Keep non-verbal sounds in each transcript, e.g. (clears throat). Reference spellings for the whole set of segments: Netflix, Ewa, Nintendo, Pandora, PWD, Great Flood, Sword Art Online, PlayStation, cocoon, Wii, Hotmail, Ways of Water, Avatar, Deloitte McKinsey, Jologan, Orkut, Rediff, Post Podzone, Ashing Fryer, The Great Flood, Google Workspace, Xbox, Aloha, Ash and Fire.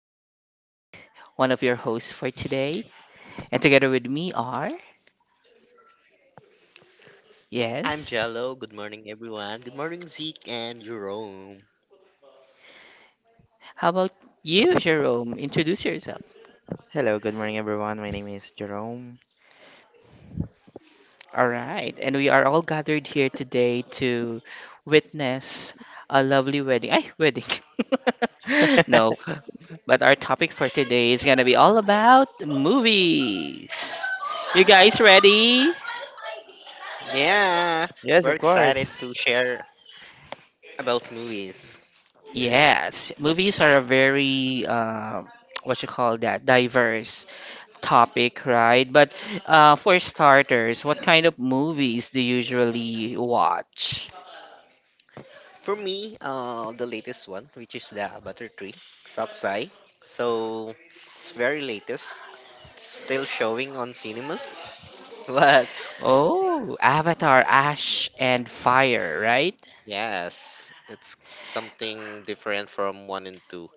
This is Zeke, one of your hosts for today. And together with me are, I'm yes, Jello. Good morning, everyone. Good morning, Zeke and Jerome. how about you, Jerome? Introduce yourself. Hello, good morning everyone. My name is Jerome. All right. And we are all gathered here today to witness a lovely wedding. Ay, wedding. (laughs) No, (laughs) but our topic for today is going to be all about movies. You guys ready? Yeah, Yes, we're of excited to course. share about movies. Yes, movies are a very (tsk) what you call that diverse topic, right? But for starters, what kind of movies do you usually watch? For me, the latest one, which is the Avatar 3, Saksai. So, it's very latest. It's still showing on cinemas. (laughs) But Oh, Avatar, Ash and Fire, right? yes, that's something different from 1 and 2.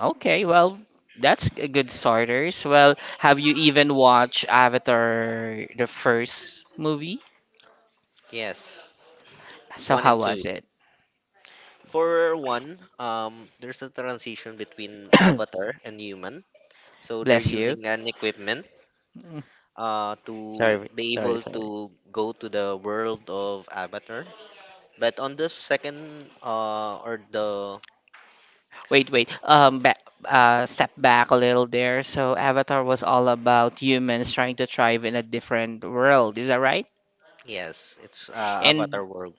Okay, well, that's a good starters. Well, have you even watched Avatar, the first movie? Yes, So 1 how and was 2. it? For 1, there's a transition between Avatar and human. So they're Bless you. using an equipment (laughs) to Sorry, be sorry, able sorry. to go to the world of Avatar. But on the second or the Wait, wait. Back, step back a little there. So Avatar was all about humans trying to thrive in a different world. Is that right? yes, it's Avatar And world.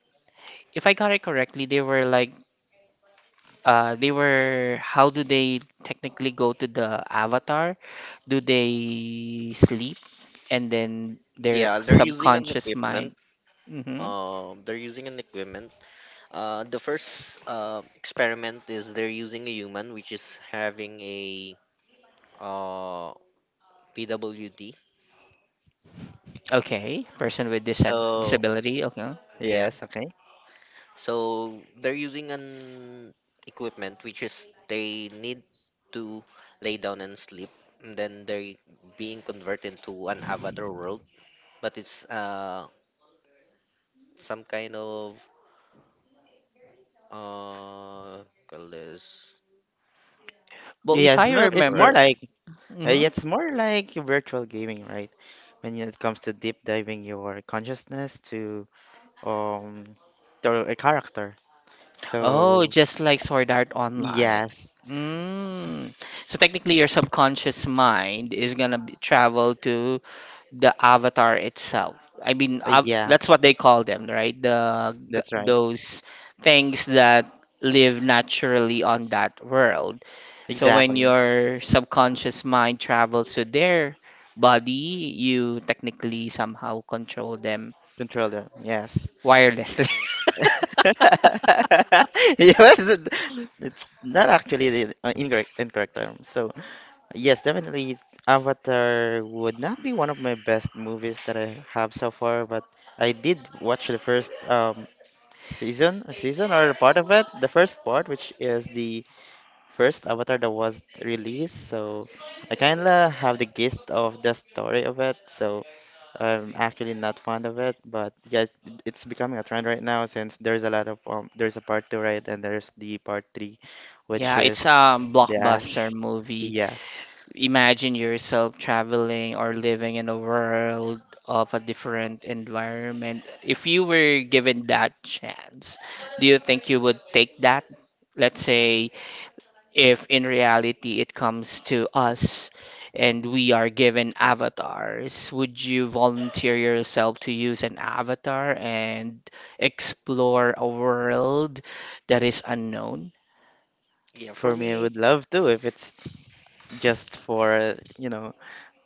if I got it correctly, they were like, they were. How do they technically go to the Avatar? Do they sleep and then their Yeah, they're using an subconscious equipment. mind? Mm-hmm. They're using an equipment. The first experiment is they're using a human, which is having a uh, PWD. Okay, person with dis So disability. Okay. yeah, Yes, okay. so they're using an equipment which is they need to lay down and sleep, and then they're being converted into an avatar world. But it's some kind of call this, Well, if Yes, I it's forgot the it's more word. remember. like yeah, Mm-hmm. it's more like virtual gaming, right? When it comes to deep diving your consciousness um to a character. Oh, So just like Sword Art Online. yes, Mm. So technically, your subconscious mind is gonna be, travel to the avatar itself. I mean, av yeah, that's what they call them, right? The g- that's right. those things that live naturally on that world. So when Exactly. your subconscious mind travels to their body, you technically somehow control them Controller. Yes. wirelessly. (laughs) (laughs) Yes, it- it's not actually the uh, incorrect term. So yes, definitely. It's Avatar would not be one of my best movies that I have so far, but I did watch the first season or part of it, the first part, which is the first Avatar that was released. So I kinda have the gist of the story of it. So I'm actually not fond of it, but yeah, it's becoming a trend right now since there's a lot of there's a part two right, and there's the part three, which Yeah, is it's a the blockbuster Ash. movie. Yes. Imagine yourself traveling or living in a world of a different environment. If you were given that chance, do you think you would take that? Let's say if in reality it comes to us and we are given avatars, would you volunteer yourself to use an avatar and explore a world that is unknown? Yeah, For for me, I me, would love to if it's just for, you know,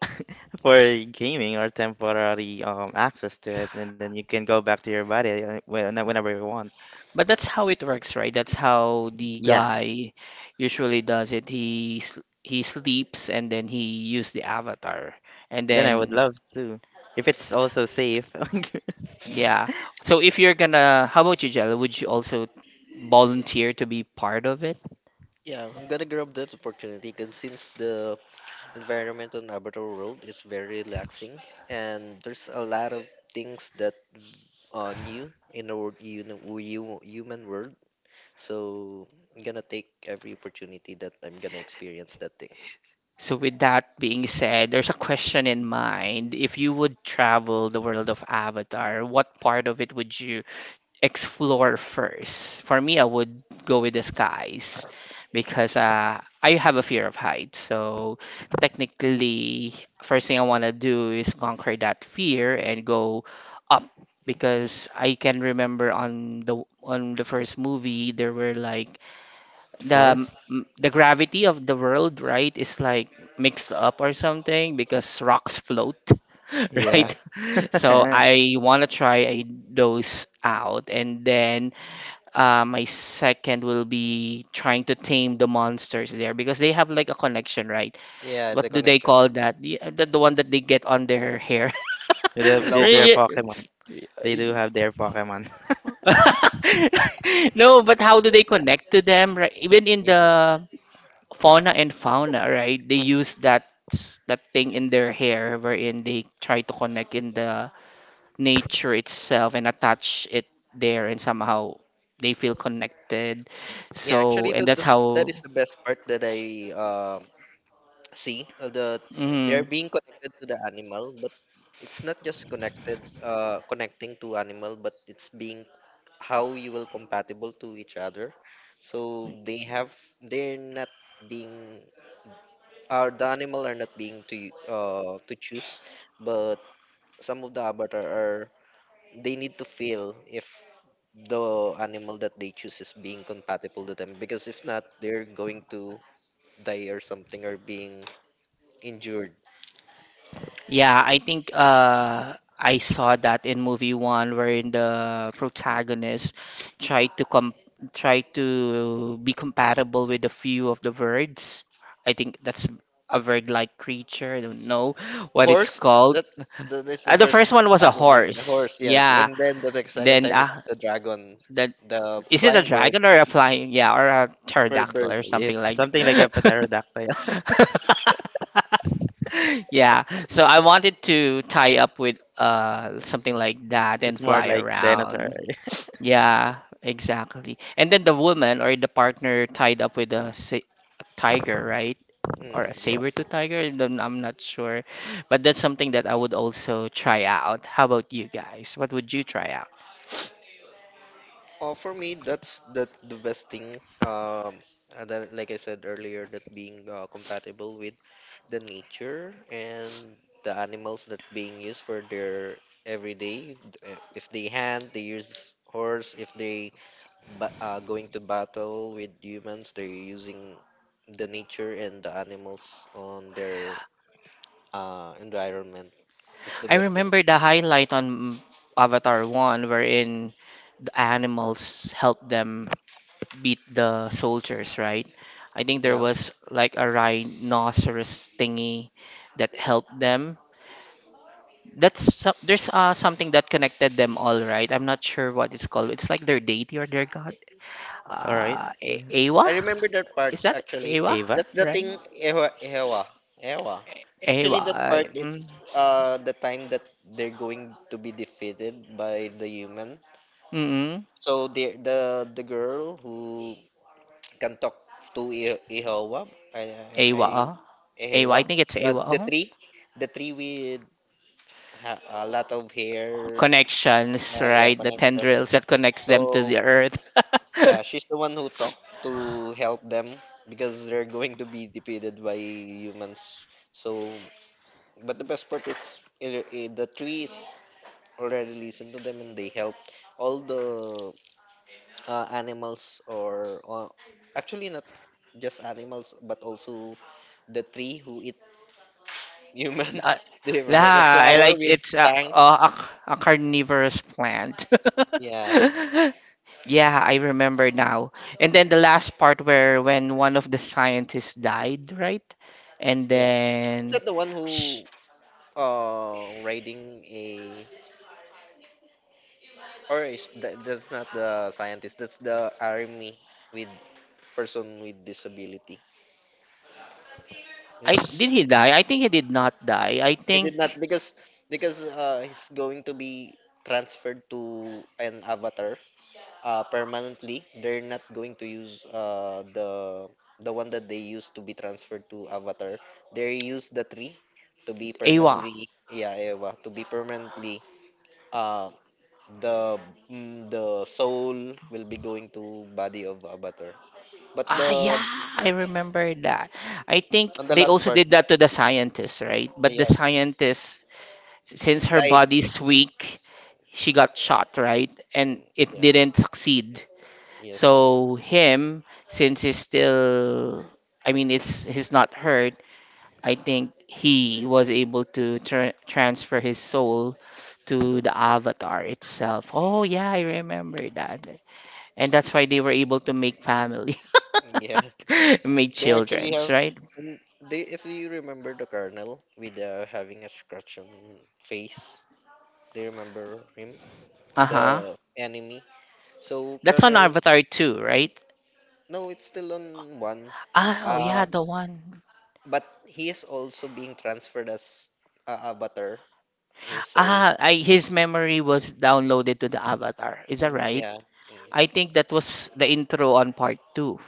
(laughs) for gaming or temporary access to it, and then you can go back to your body when- whenever you want. But that's how it works, right? That's how the Yeah, guy usually does it. He s- he sleeps and then he use the avatar. And then I would then love to. If it's also safe. (laughs) yeah. So if you're gonna, how about you, Jella? Would you also volunteer to be part of it? yeah, I'm gonna grab that opportunity. Cause since the environment on avatar world is very relaxing and there's a lot of things that are new in the human world. So I'm gonna take every opportunity that I'm gonna experience that thing. So with that being said, there's a question in mind. If you would travel the world of Avatar, what part of it would you explore first? For me, I would go with the skies because I have a fear of heights. So technically, first thing I want to do is conquer that fear and go up because I can remember on the first movie there were like the Forest? m- the gravity of the world, right, is like mixed up or something because rocks float, (laughs) Yeah. right? Yeah. So (laughs) y- I want to try a, those out, and then my second will be trying to tame the monsters there because they have like a connection, right? Yeah, the What do they connection. call that? The one that they get on their hair. (laughs) They have they- Aloha. Their Right? Pokemon. They do (laughs) have their Pokemon. (laughs) No, but how do they connect to them, right? Even in Yeah. the fauna and fauna, right? They use that s- that thing in their hair wherein they try to connect in the nature itself and attach it there and somehow they feel connected. Yeah, So, actually and that's that how. is the best part that I see, they are Mhm. being connected to the animal, but it's not just connected, connecting to animal, but it's being how you will compatible to each other. So they have, they're not being, the animal are not being to to choose, but some of the avatar are, they need to feel if the animal that they choose is being compatible to them, because if not they're going to die or something or being injured. Yeah, I think I saw that in movie one wherein the protagonist tried to com tried to be compatible with a few of the birds. I think that's a bird-like creature. I don't know what it's Horse, called. that's, that is the The first first one was a animal, the horse. horse. Yes. Yeah. And then the second Then time is the dragon, that the is it a flying bird, dragon or a flying? Yeah, or a fur pterodactyl bird. or something It's like something Yeah. like a that. pterodactyl. (laughs) (laughs) (laughs) Yeah, so I wanted to tie up with something like that and It's more fly like dinosaur. around. (laughs) Yeah, exactly. And then the woman or the partner tied up with a, sa a tiger, right? Or Mm, a yeah. saber-tooth tiger, then I'm not sure. But that's something that I would also try out. How about you guys? What would you try out? For me, that's that the best thing. And then, like I said earlier, that being compatible with the nature and the animals that being used for their everyday. If they hunt, they use horse. If they going to battle with humans, they're using the nature and the animals on their environment. That's the I best thing. remember the highlight on Avatar 1 wherein the animals help them beat the soldiers, right? I think there Yeah. was like a rhinoceros thingy that helped them. That's so- there's something that connected them all, right? I'm not sure what it's called. It's like their deity or their god. All right. Yeah. A- Awa? I remember that part Is that actually. Awa? Ava? That's the Right? thing. Ewa Ewa. A- Awa. Actually that I- part is Mm, the time that they're going to be defeated by the human. mm-mm. So the the girl who can talk to Ewa, Awa. I Uh. I Awa. Ewa, I think it's but Awa. the Uh. tree, the tree with a lot of hair, Connections, yeah, right? The connection. tendrils that connects them to So the earth. yeah, (laughs) she's the one who talked to help them because they're going to be defeated by humans. So, but the best part is the trees already listened to them and they helped all the animals, or actually not just animals, but also the tree who eat human. (laughs) Uh, Do you remember the yeah, I flower like with it's a, tongue? a, a carnivorous plant. Yeah, (laughs) Yeah, I remember now. And then the last part where when one of the scientists died, right? And yeah. Is then that the one sh who riding a, or is that, that's not the scientist, that's the army with person with disability, I which did is, he die? I think he did not die. I he think did not, because he's going to be transferred to an avatar permanently. They're not going to use the one that they used to be transferred to avatar. They use the tree to be Awa. permanently, yeah, Eva, to be permanently, uh the mm, the soul will be going to body of avatar. But Ah, the yeah, I remember that. I think on the they last also part, did that to the scientist, right? But the yes, scientist, s- since her died. body's weak, she got shot, right? And it Yeah, didn't succeed. yes. So him, since he's still, I mean, it's he's not hurt. I think he was able to tra- transfer his soul to the avatar itself. Oh yeah, I remember that. And that's why they were able to make family, (laughs) Yeah. (laughs) make They actually childrens, have. right? Mm, they, if you remember the colonel with having a scratch on face, they remember him, Uh huh. the enemy. So That's on colonel, Avatar 2, right? no, it's still on one. Ah, oh yeah, Uh, the one. but he is also being transferred as avatar, his soul. Ah, I, his memory was downloaded to the avatar. Is that And right? yeah. I Mm, think that was the intro on part two.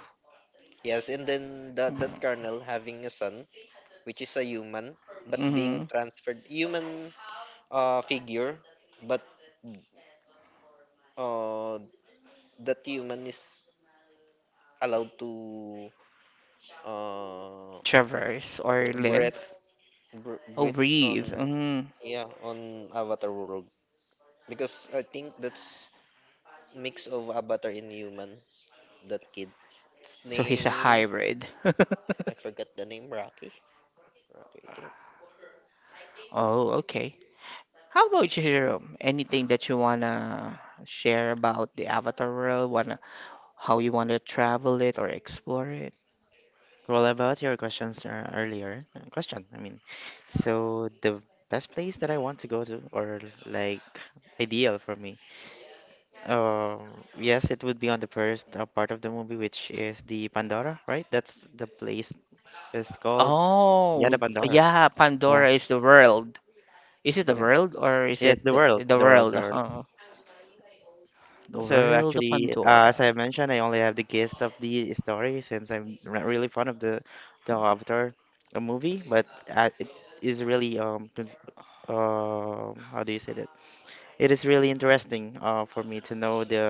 yes. And then that Mm-hmm. colonel having a son which is a human but Mm-hmm. being transferred human figure. But uh, that human is allowed to uh, Traverse or live. breathe, Oh, breathe on, breathe. Mm. yeah, on avatar world, because I think that's mix of avatar and human. That kid, its So he's a name, hybrid. I (laughs) forgot the name. Rocky, I think. Oh, okay. How about you, Jerome? Anything that you wanna share about the Avatar world? Wanna how you wanna travel it or explore it? Well, about your questions question, I mean, so the best place that I want to go to, or like ideal for me, yes, it would be on the first part of the movie, which is the Pandora, right? That's the place it's called. Yeah, the Oh, Pandora. yeah, Yeah, Pandora is the world. Is it the yeah. world or is Yes, it the the, world, the the world, the world? world. Oh. The So world of actually, as Pandora. I mentioned, I only have the gist of the story since I'm not really fond of the Avatar movie, but it is really how do you say that? It is really interesting for me to know the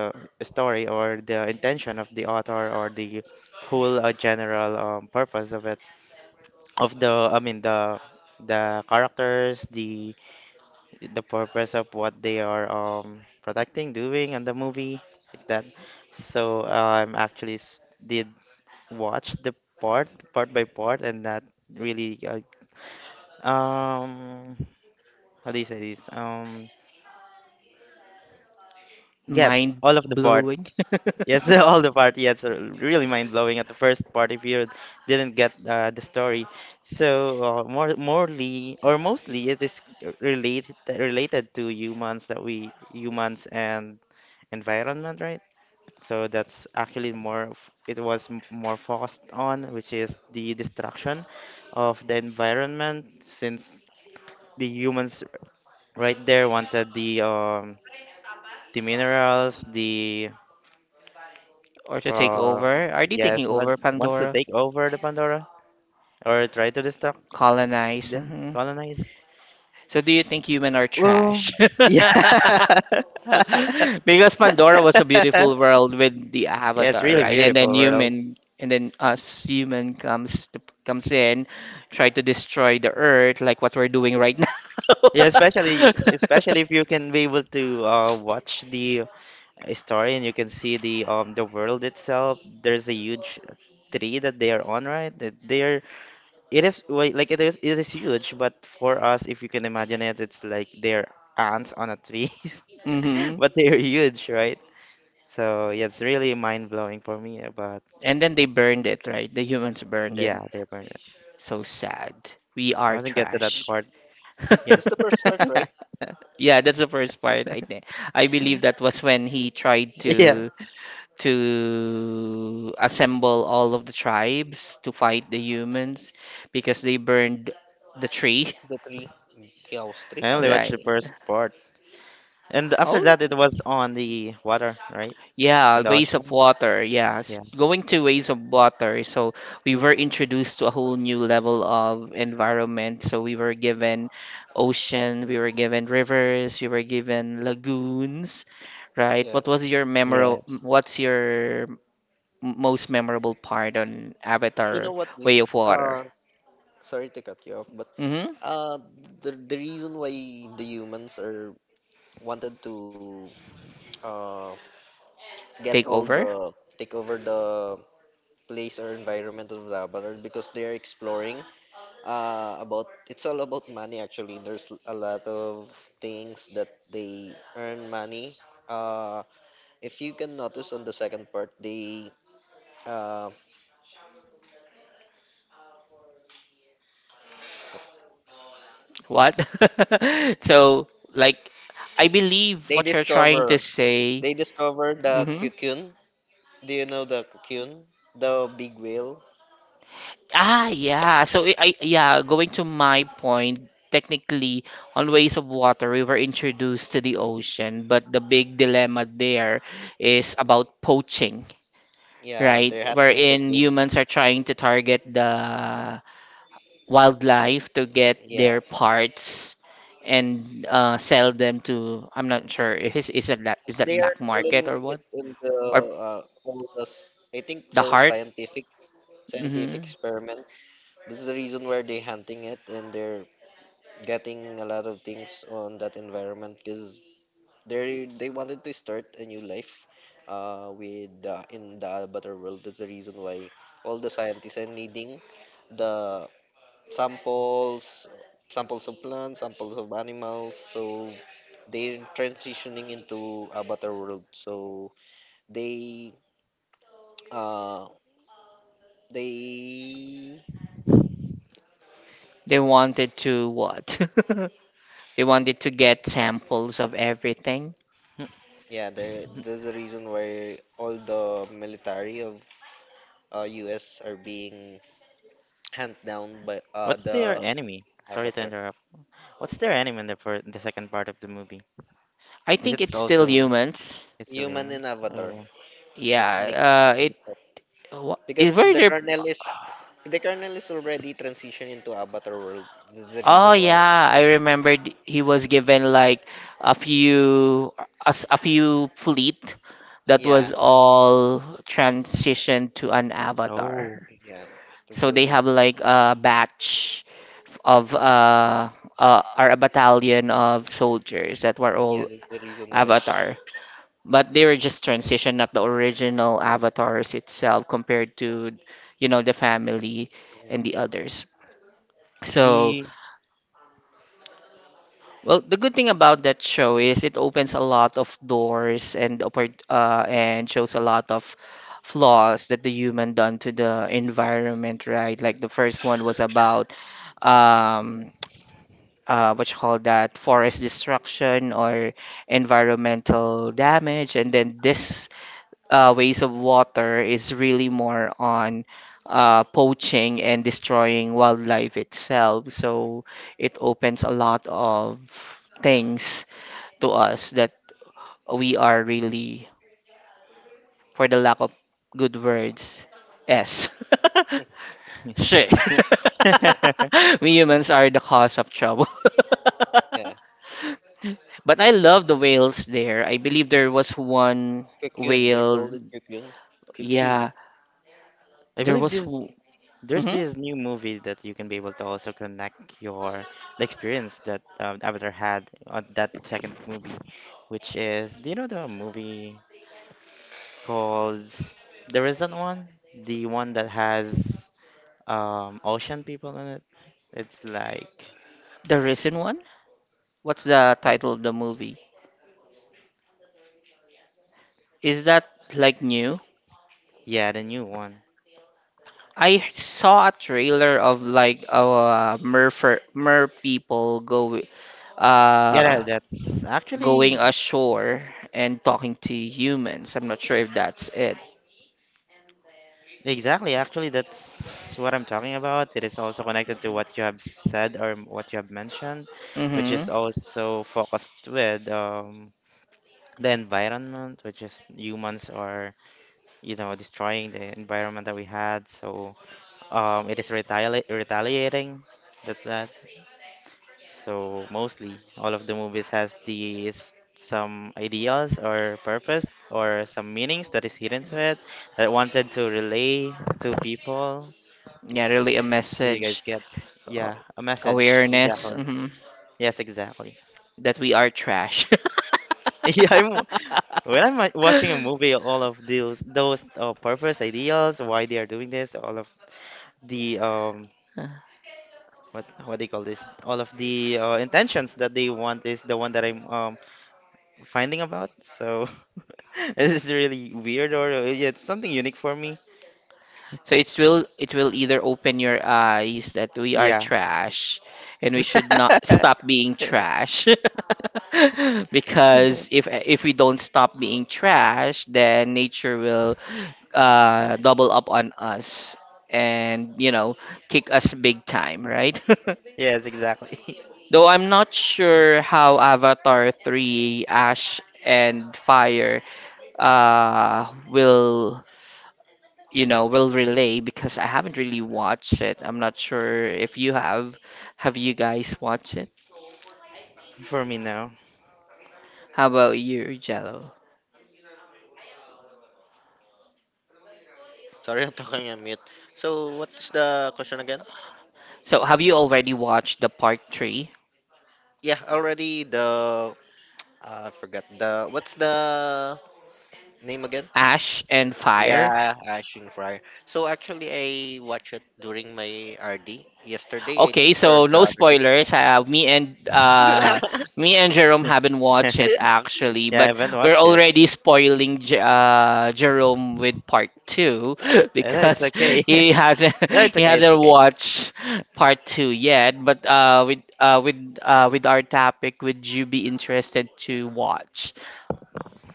story or the intention of the author or the whole general purpose of it, of the I mean the characters, the purpose of what they are protecting, doing in the movie like that. So actually s- did watch the part by part and that really um how do you say this get Mind all of the part. blowing. Yes, (laughs) all the part. Yes, r- really mind blowing at the first part. If you didn't get the story, so more morely or mostly it is related to humans that we humans and environment, right? So that's actually more. F- It was m- more focused on which is the destruction of the environment since the humans right there wanted the minerals, the (laughs) Or to take Uh, over. Are they yes, taking he over wants to Pandora? take over the Pandora or try to destruct Colonize. them, Mhm. colonize. So do you think human are Well, trash? (laughs) (laughs) yeah. Because Pandora was a beautiful world with the Yeah, it's avatar, really right? And beautiful then world. human, and then us human comes to, comes in, try to destroy the earth, like what we're doing right now. Yeah, especially (laughs) especially if you can be able to watch the story and you can see the world itself. There's a huge tree that they are on, right? That they're it is wait, like it is huge, but for us, if you can imagine it, it's like they're ants on a tree. (laughs) (laughs) Hmm. But they're huge, right? So yeah, it's really mind blowing for me. But And then they burned it, right? The humans burned yeah, it. they burn it. So sad. We I are wasn't get to that trash. part. (laughs) Yeah, That's the first part, right? (laughs) Yeah, that's the first part. I think I believe that was when he tried yeah. To assemble all of the tribes to fight the humans because they burned the tree, The three I (laughs) only house. watched the right? first part, and after Oh, that, it was on the water, right? yeah, On the ways of ocean. water. Yeah. Yes, going to ways of water. So we were introduced to a whole new level of environment. So we were given ocean, we were given rivers, we were given lagoons, right? Yeah, What was your memorable, Yes. what's your m- most memorable part on you know Avatar what, Vic? Way of Water? uh Sorry to cut you off, but Mm-hmm. Uh, the reason why the humans are wanted to uh, get Take all over. the, take over the place or environment of the Avatar, because they are exploring about it's all about money actually. There's a lot of things that they earn money. Uh, if you can notice on the second part, they uh, What? (laughs) So, like, I believe what you're trying to discover, say. they discover the Mm-hmm. cocoon. Do you know the cocoon? The big whale. Ah, yeah. So I- yeah, going to my point, technically, on ways of water, we were introduced to the ocean, but the big dilemma there is about poaching, Yeah, right? they're hunting Wherein cocoon. humans are trying to target the wildlife to get Yeah, their parts and sell them to, I'm not sure if it's, is that la- is that they are black market selling or it what? in the Or all the I think the for heart? scientific, scientific Hmm. experiment. This is the reason why they're hunting it, and they're getting a lot of things on that environment, because they wanted to start a new life with in the better world. That's the reason why all the scientists are needing the samples, samples of plants, samples of animals. So they're transitioning into a better world. So they, uh, they, They wanted to what? (laughs) We wanted to get samples of everything. Hmm. yeah, there, there's a reason why all the military of U.S. are being hand down by What's their the enemy? Sorry to Avatar, interrupt. What's their enemy in the fir- in the second part of the movie? I Is think it it's still also humans. it's still human and humans? Avatar. Oh, Yeah. It's mixed It it up. wha- Because is were there. The Colonel is already transitioned into Avatar world. This is the Oh reason why. yeah, I remembered he was given like a few a, s- a few fleet that Yeah, was all transitioned to an oh, avatar. yeah, that's So the they thing. have like a batch of uh or a battalion of soldiers that were Yeah, all that's the reason why. avatar, but they were just transition, not the original avatars itself compared to, you know, the family Mm, and the yeah, others. So, the. well, the good thing about that show is it opens a lot of doors and oppor- and shows a lot of flaws that the human done to the environment, right? Like the first one was about um what you call that forest destruction or environmental damage, and then this ways of water is really more on poaching and destroying wildlife itself. So it opens a lot of things to us that we are really, for the lack of good words, S. (laughs) Shit. (laughs) yeah, (laughs) We humans are the cause of trouble. (laughs) yeah. But I love the whales there. I believe there was one Cocoon, they're whale. called it cocoon. Cocoon. Yeah, I there believe was. this. Mm-hmm. There's this new movie that you can be able to also connect your the experience that Avatar had on that second movie, which is do you know the movie called the recent one, the one that has ocean people in it? It's like The recent one? What's the yeah, title of the movie? Is that like new? yeah, the new one. I saw a trailer of like mer fer- mer people go Yeah, that, uh that's going actually ashore and talking to humans. I'm not sure if that's it. exactly. Actually, that's what I'm talking about. It is also connected to what you have said or m- what you have mentioned, which is Mm-hmm. also focused with the environment, which is humans are, you know, destroying the environment that we had. So it is retaliating. That's that. So mostly all of the movies has these some ideals or purpose or some meanings that is hidden to it that wanted to relay to people, Yeah, really a you guys message, get? uh, Yeah, a message. awareness, Exactly. mhm, Yes, exactly. (laughs) that we are trash. Yeah, I'm when I'm wa- watching a movie, all of those purpose ideals, why they are doing this, all of the um (laughs) what what they call this, all of the intentions that they want is the one that I'm finding about. So (laughs) this is really weird, or yeah, it's something unique for me. So it will either open your eyes that we are Yeah. trash and we should not (laughs) stop being trash. (laughs) Mhm. Because if we don't stop being trash, then nature will double up on us and you know kick us big time, right? Yes, exactly. (laughs) (laughs) Though I'm not sure how Avatar 3, Ash and Fire will you know, will relay because I haven't really watched it. I'm not sure if you have. Have you guys watched it? For me now. How about you, Jello? Sorry, (laughs) I'm talking on mute. So, what's the question again? So, have you already watched the part 3, Yeah, already the, I forgot the, what's the name again? Ash and Fire? Yeah, Ashing Fryer. So actually, I watched it during my RD yesterday, I Okay, think, or so the no other day. spoilers. Me and (laughs) me and Jerome haven't watched it actually, (laughs) Yeah, I but haven't we're watched it. already spoiling J Jerome with part two (laughs) And it's because okay. (laughs) he hasn't No, (laughs) it's he okay, it's hasn't watched part 2 yet. But with our topic, would you be interested to watch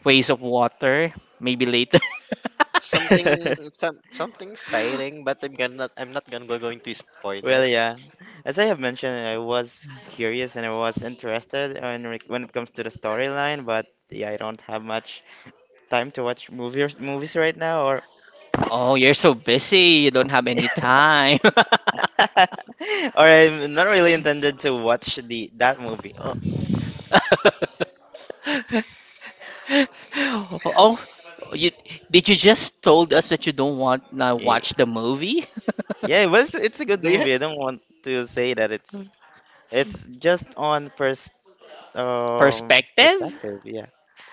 Ways of Water? Maybe later. (laughs) something, okay. (laughs) Something exciting, but I'm not gonna go going to spoil it. Well, yeah. As I have mentioned, I was curious and I was interested in re- when it comes to the storyline, but yeah, I don't have much time to watch movies right now, or (laughs) Oh, you're so busy. You don't have any time. or I'm not really intended to watch the that movie. Oh, (laughs) (laughs) Oh, you did you just told us that you don't want not y- watch the movie? yeah, it was it's a good Do you? movie. I don't want to say that it's just on first (laughs) um Perspective? perspective. Yeah.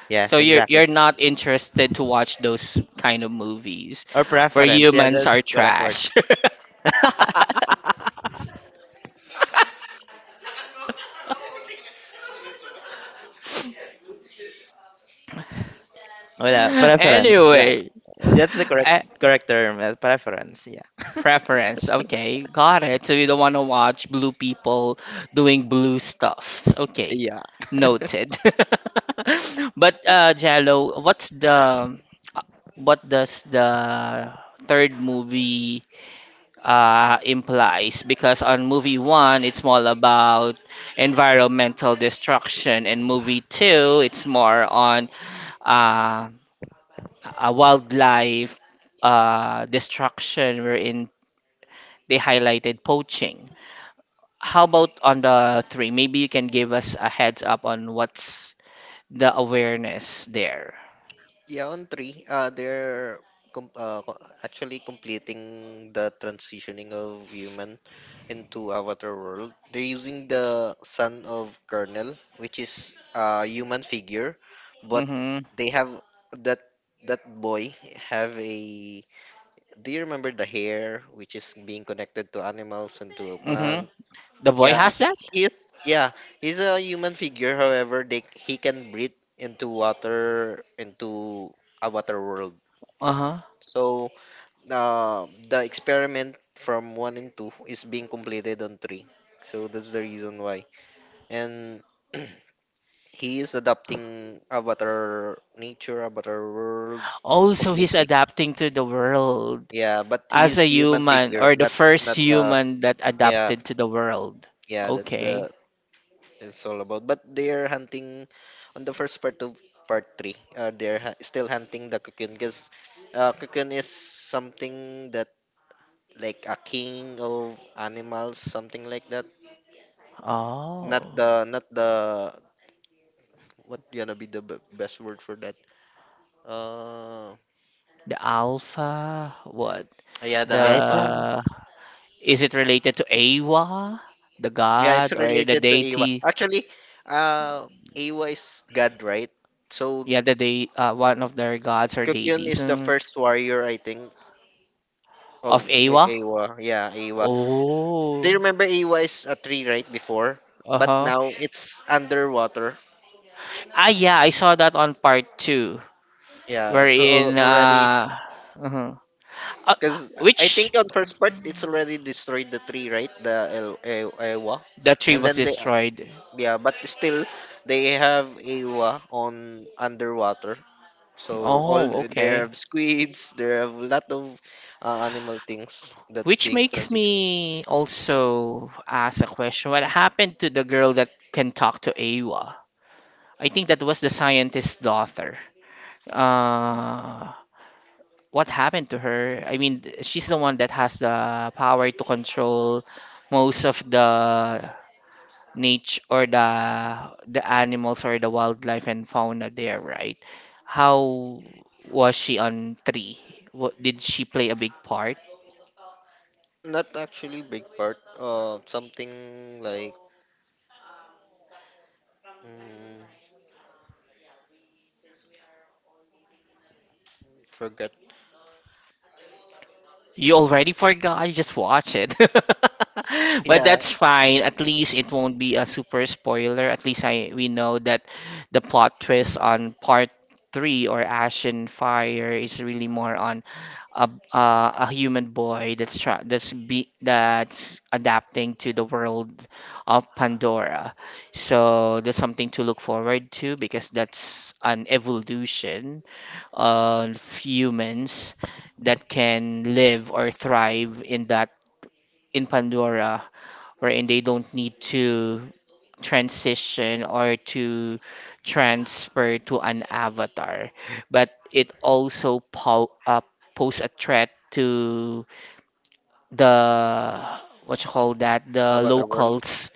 Yes, So you're exactly. you're not interested to watch those kind of movies Or where preference. Yeah, humans that's are correct word. trash. (laughs) (laughs) Oh yeah, preference. Yeah, Anyway, (laughs) that's the correct a- correct term. Preference. Yeah, Preference. Okay, got it. So you don't want to watch blue people doing blue stuffs. Okay, yeah. noted. (laughs) But Jello, what does the third movie implies? Because on movie 1, it's all about environmental destruction, and movie 2, it's more on uh, a wildlife destruction, wherein they highlighted poaching. How about on the three? Maybe you can give us a heads up on what's the awareness there. Yeah, on three, com uh, co- actually completing the transitioning of human into Avatar world. They're using the son of Colonel, which is a human figure, but Mm-hmm. they have that, that boy have a. Do you remember the hair, which is being connected to animals and to a Mm-hmm. plant? The boy Yeah, has if- that? he is. Yeah, he's a human figure. However, they, he can breathe into water, into a water world. Uh-huh. So, the experiment from one and two is being completed on three. So that's the reason why. And (clears throat) he is adapting avatar nature, avatar world Oh, so he's completely. adapting to the world Yeah, but as he's a human human figure, or the not first not uh. human that Yeah, adapted to the world. yeah. That's Okay. the, it's all about. But they're hunting on the first part of part three. They're still hunting the cocoon, because cocoon is something that like a king of animals, something like that. Oh, Not the, what gonna be the best word for that? Uh, the alpha, what? (tsk) yeah, the (laughs) Better. alpha. The Is it related to Awa, the Yeah, it's god or the related to Ewa. deity? Actually, uh, Ewa is God, right? So Yeah, the day one of their gods or Cocoon deities is the mm, first warrior, I think, of of Awa. Ewa. Yeah, Ewa. Do Oh, you remember A Y is a tree right before? But uh-huh. now it's underwater. Ah, yeah, I saw that on part 2, Yeah, it's wherein already, uh uh, because I which think on first part it's already destroyed the tree, right? The Awa, the tree and was then they, destroyed. yeah, but still they have Awa on underwater. So Oh, they okay. have squids, they have a lot of animal things that Which being makes transitioned. me also ask a question. What happened to the girl that can talk to Awa? I think that was the scientist's daughter. Uh, what happened to her. I mean, she's the one that has the power to control most of the nature or the animals or the wildlife and fauna there, right? How was she on tree? What, did she play a big part? Not actually big part. Something like mm, forget. You already forgot, just watch it. (laughs) But Yeah, that's fine. At least it won't be a super spoiler. At least I we know that the plot twist on part 3 or Ash and Fire is really more on a a human boy that's try that's be that's adapting to the world of Pandora. So there's something to look forward to because that's an evolution uh, humans that can live or thrive in that in Pandora, wherein they don't need to transition or to transfer to an avatar, but it also pose a threat to the what you call that the about our world. locals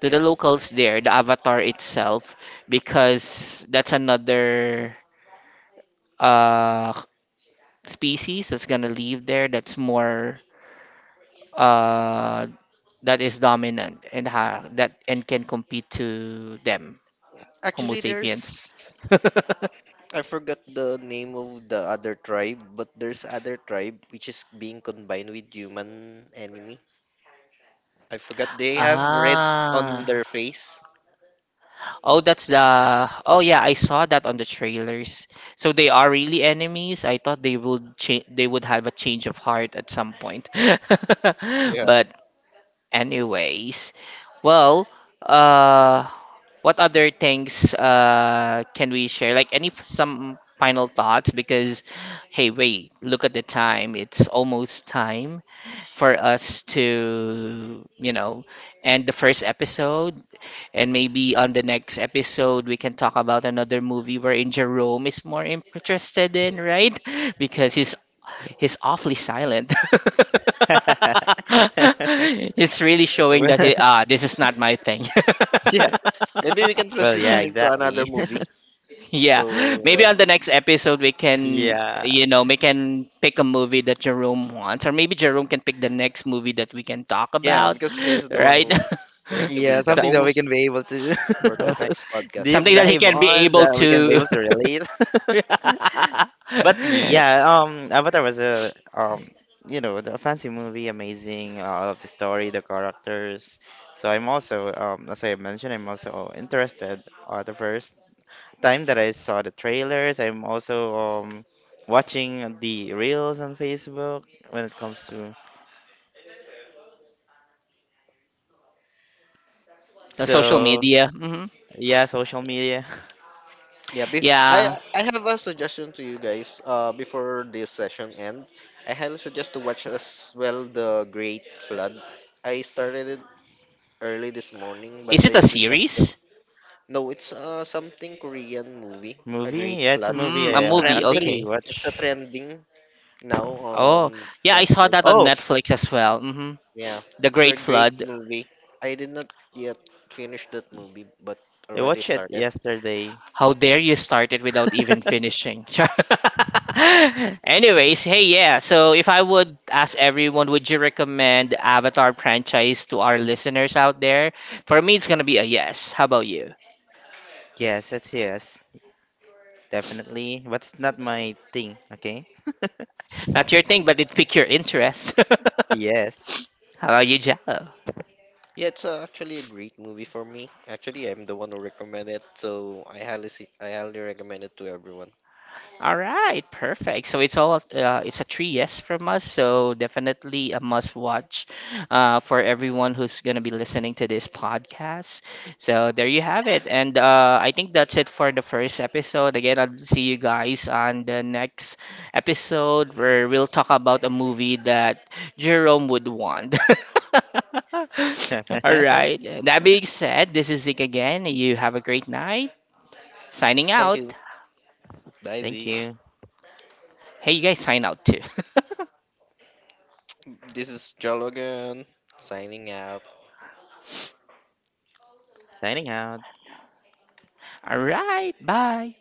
to the Yeah. locals there the avatar itself because that's another uh species that's gonna live there that's more uh that is dominant and ha that and can compete to them, Homo Actually, sapiens. (laughs) there's, I forgot the name of the other tribe, but there's other tribe which is being combined with human enemy. I forgot, they have red on Ah. their face. Oh, that's the. Oh, yeah, I saw that on the trailers. So they are really enemies. I thought they would they would have a change of heart at some point. (laughs) Yeah. But anyways, well, uh, what other things can we share? Like any some final thoughts? Because hey, wait, look at the time. It's almost time for us to, you know, end the first episode. And maybe on the next episode, we can talk about another movie wherein Jerome is more interested in, right? (laughs) Because he's awfully silent. (laughs) (laughs) He's really showing Well, that he (laughs) ah this is not my thing. (laughs) Yeah. Maybe we can well, yeah, transition (laughs) into another exactly. movie. (laughs) Yeah, So maybe that, on the next episode we can Yeah, you know we can pick a movie that Jerome wants, or maybe Jerome can pick the next movie that we can talk yeah, about, because this (laughs) is the one right? who's going to be yeah, (laughs) the so. something that we can be host able to for the next (laughs) deep podcast. Something that he dive can be on able that we can be to. able to relate. (laughs) (laughs) But The yeah, Avatar was a you know, the fancy movie, amazing. I love the story, the characters. So I'm also as I mentioned, I'm also interested at the first time that I saw the trailers, I'm also watching the reels on Facebook when it comes to social so media. Hmm. yeah, social media. Yeah, be- I Yeah. Have a suggestion to you guys. Before this session end, I highly suggest to watch as well the Great Flood. I started it early this morning, Is but it a I did not yet. series? No, it's something Korean movie, (laughs) A Movie. Great Yeah, it's a Flood. movie Mm, a I It's movie. trending. actually Okay. It's a watch. trending now Oh, on yeah. I saw that Netflix. on Oh, Netflix as well. Hmm. Yeah, The it's a Great great Flood. movie. I did not yet finish that movie, but I already watched it started. yesterday. How dare you start it without even (laughs) finishing? (laughs) Anyways, hey, yeah. So if I would ask everyone, would you recommend Avatar franchise to our listeners out there? For me, it's gonna be a yes. How about you? Yes, it's yes, definitely, but it's not my thing. Okay. Not your thing, but it piqued your interest. Yes. (laughs) How about you, Jal? Yeah, it's actually a great movie for me. Actually, I'm the one who recommended it, so I highly, I highly recommend it to everyone. All right, perfect. So it's all it's a three yes from us. So definitely a must watch for everyone who's gonna be listening to this podcast. So there you have it, and I think that's it for the first episode. Again, I'll see you guys on the next episode where we'll talk about a movie that Jerome would want. (laughs) All (laughs) right. That being said, this is Zeke again. You have a great night. Signing Thank out. you. Bye, Thank Z. you. Hey, you guys sign out too. (laughs) This is Jologan signing out. Signing out. "All right, bye!"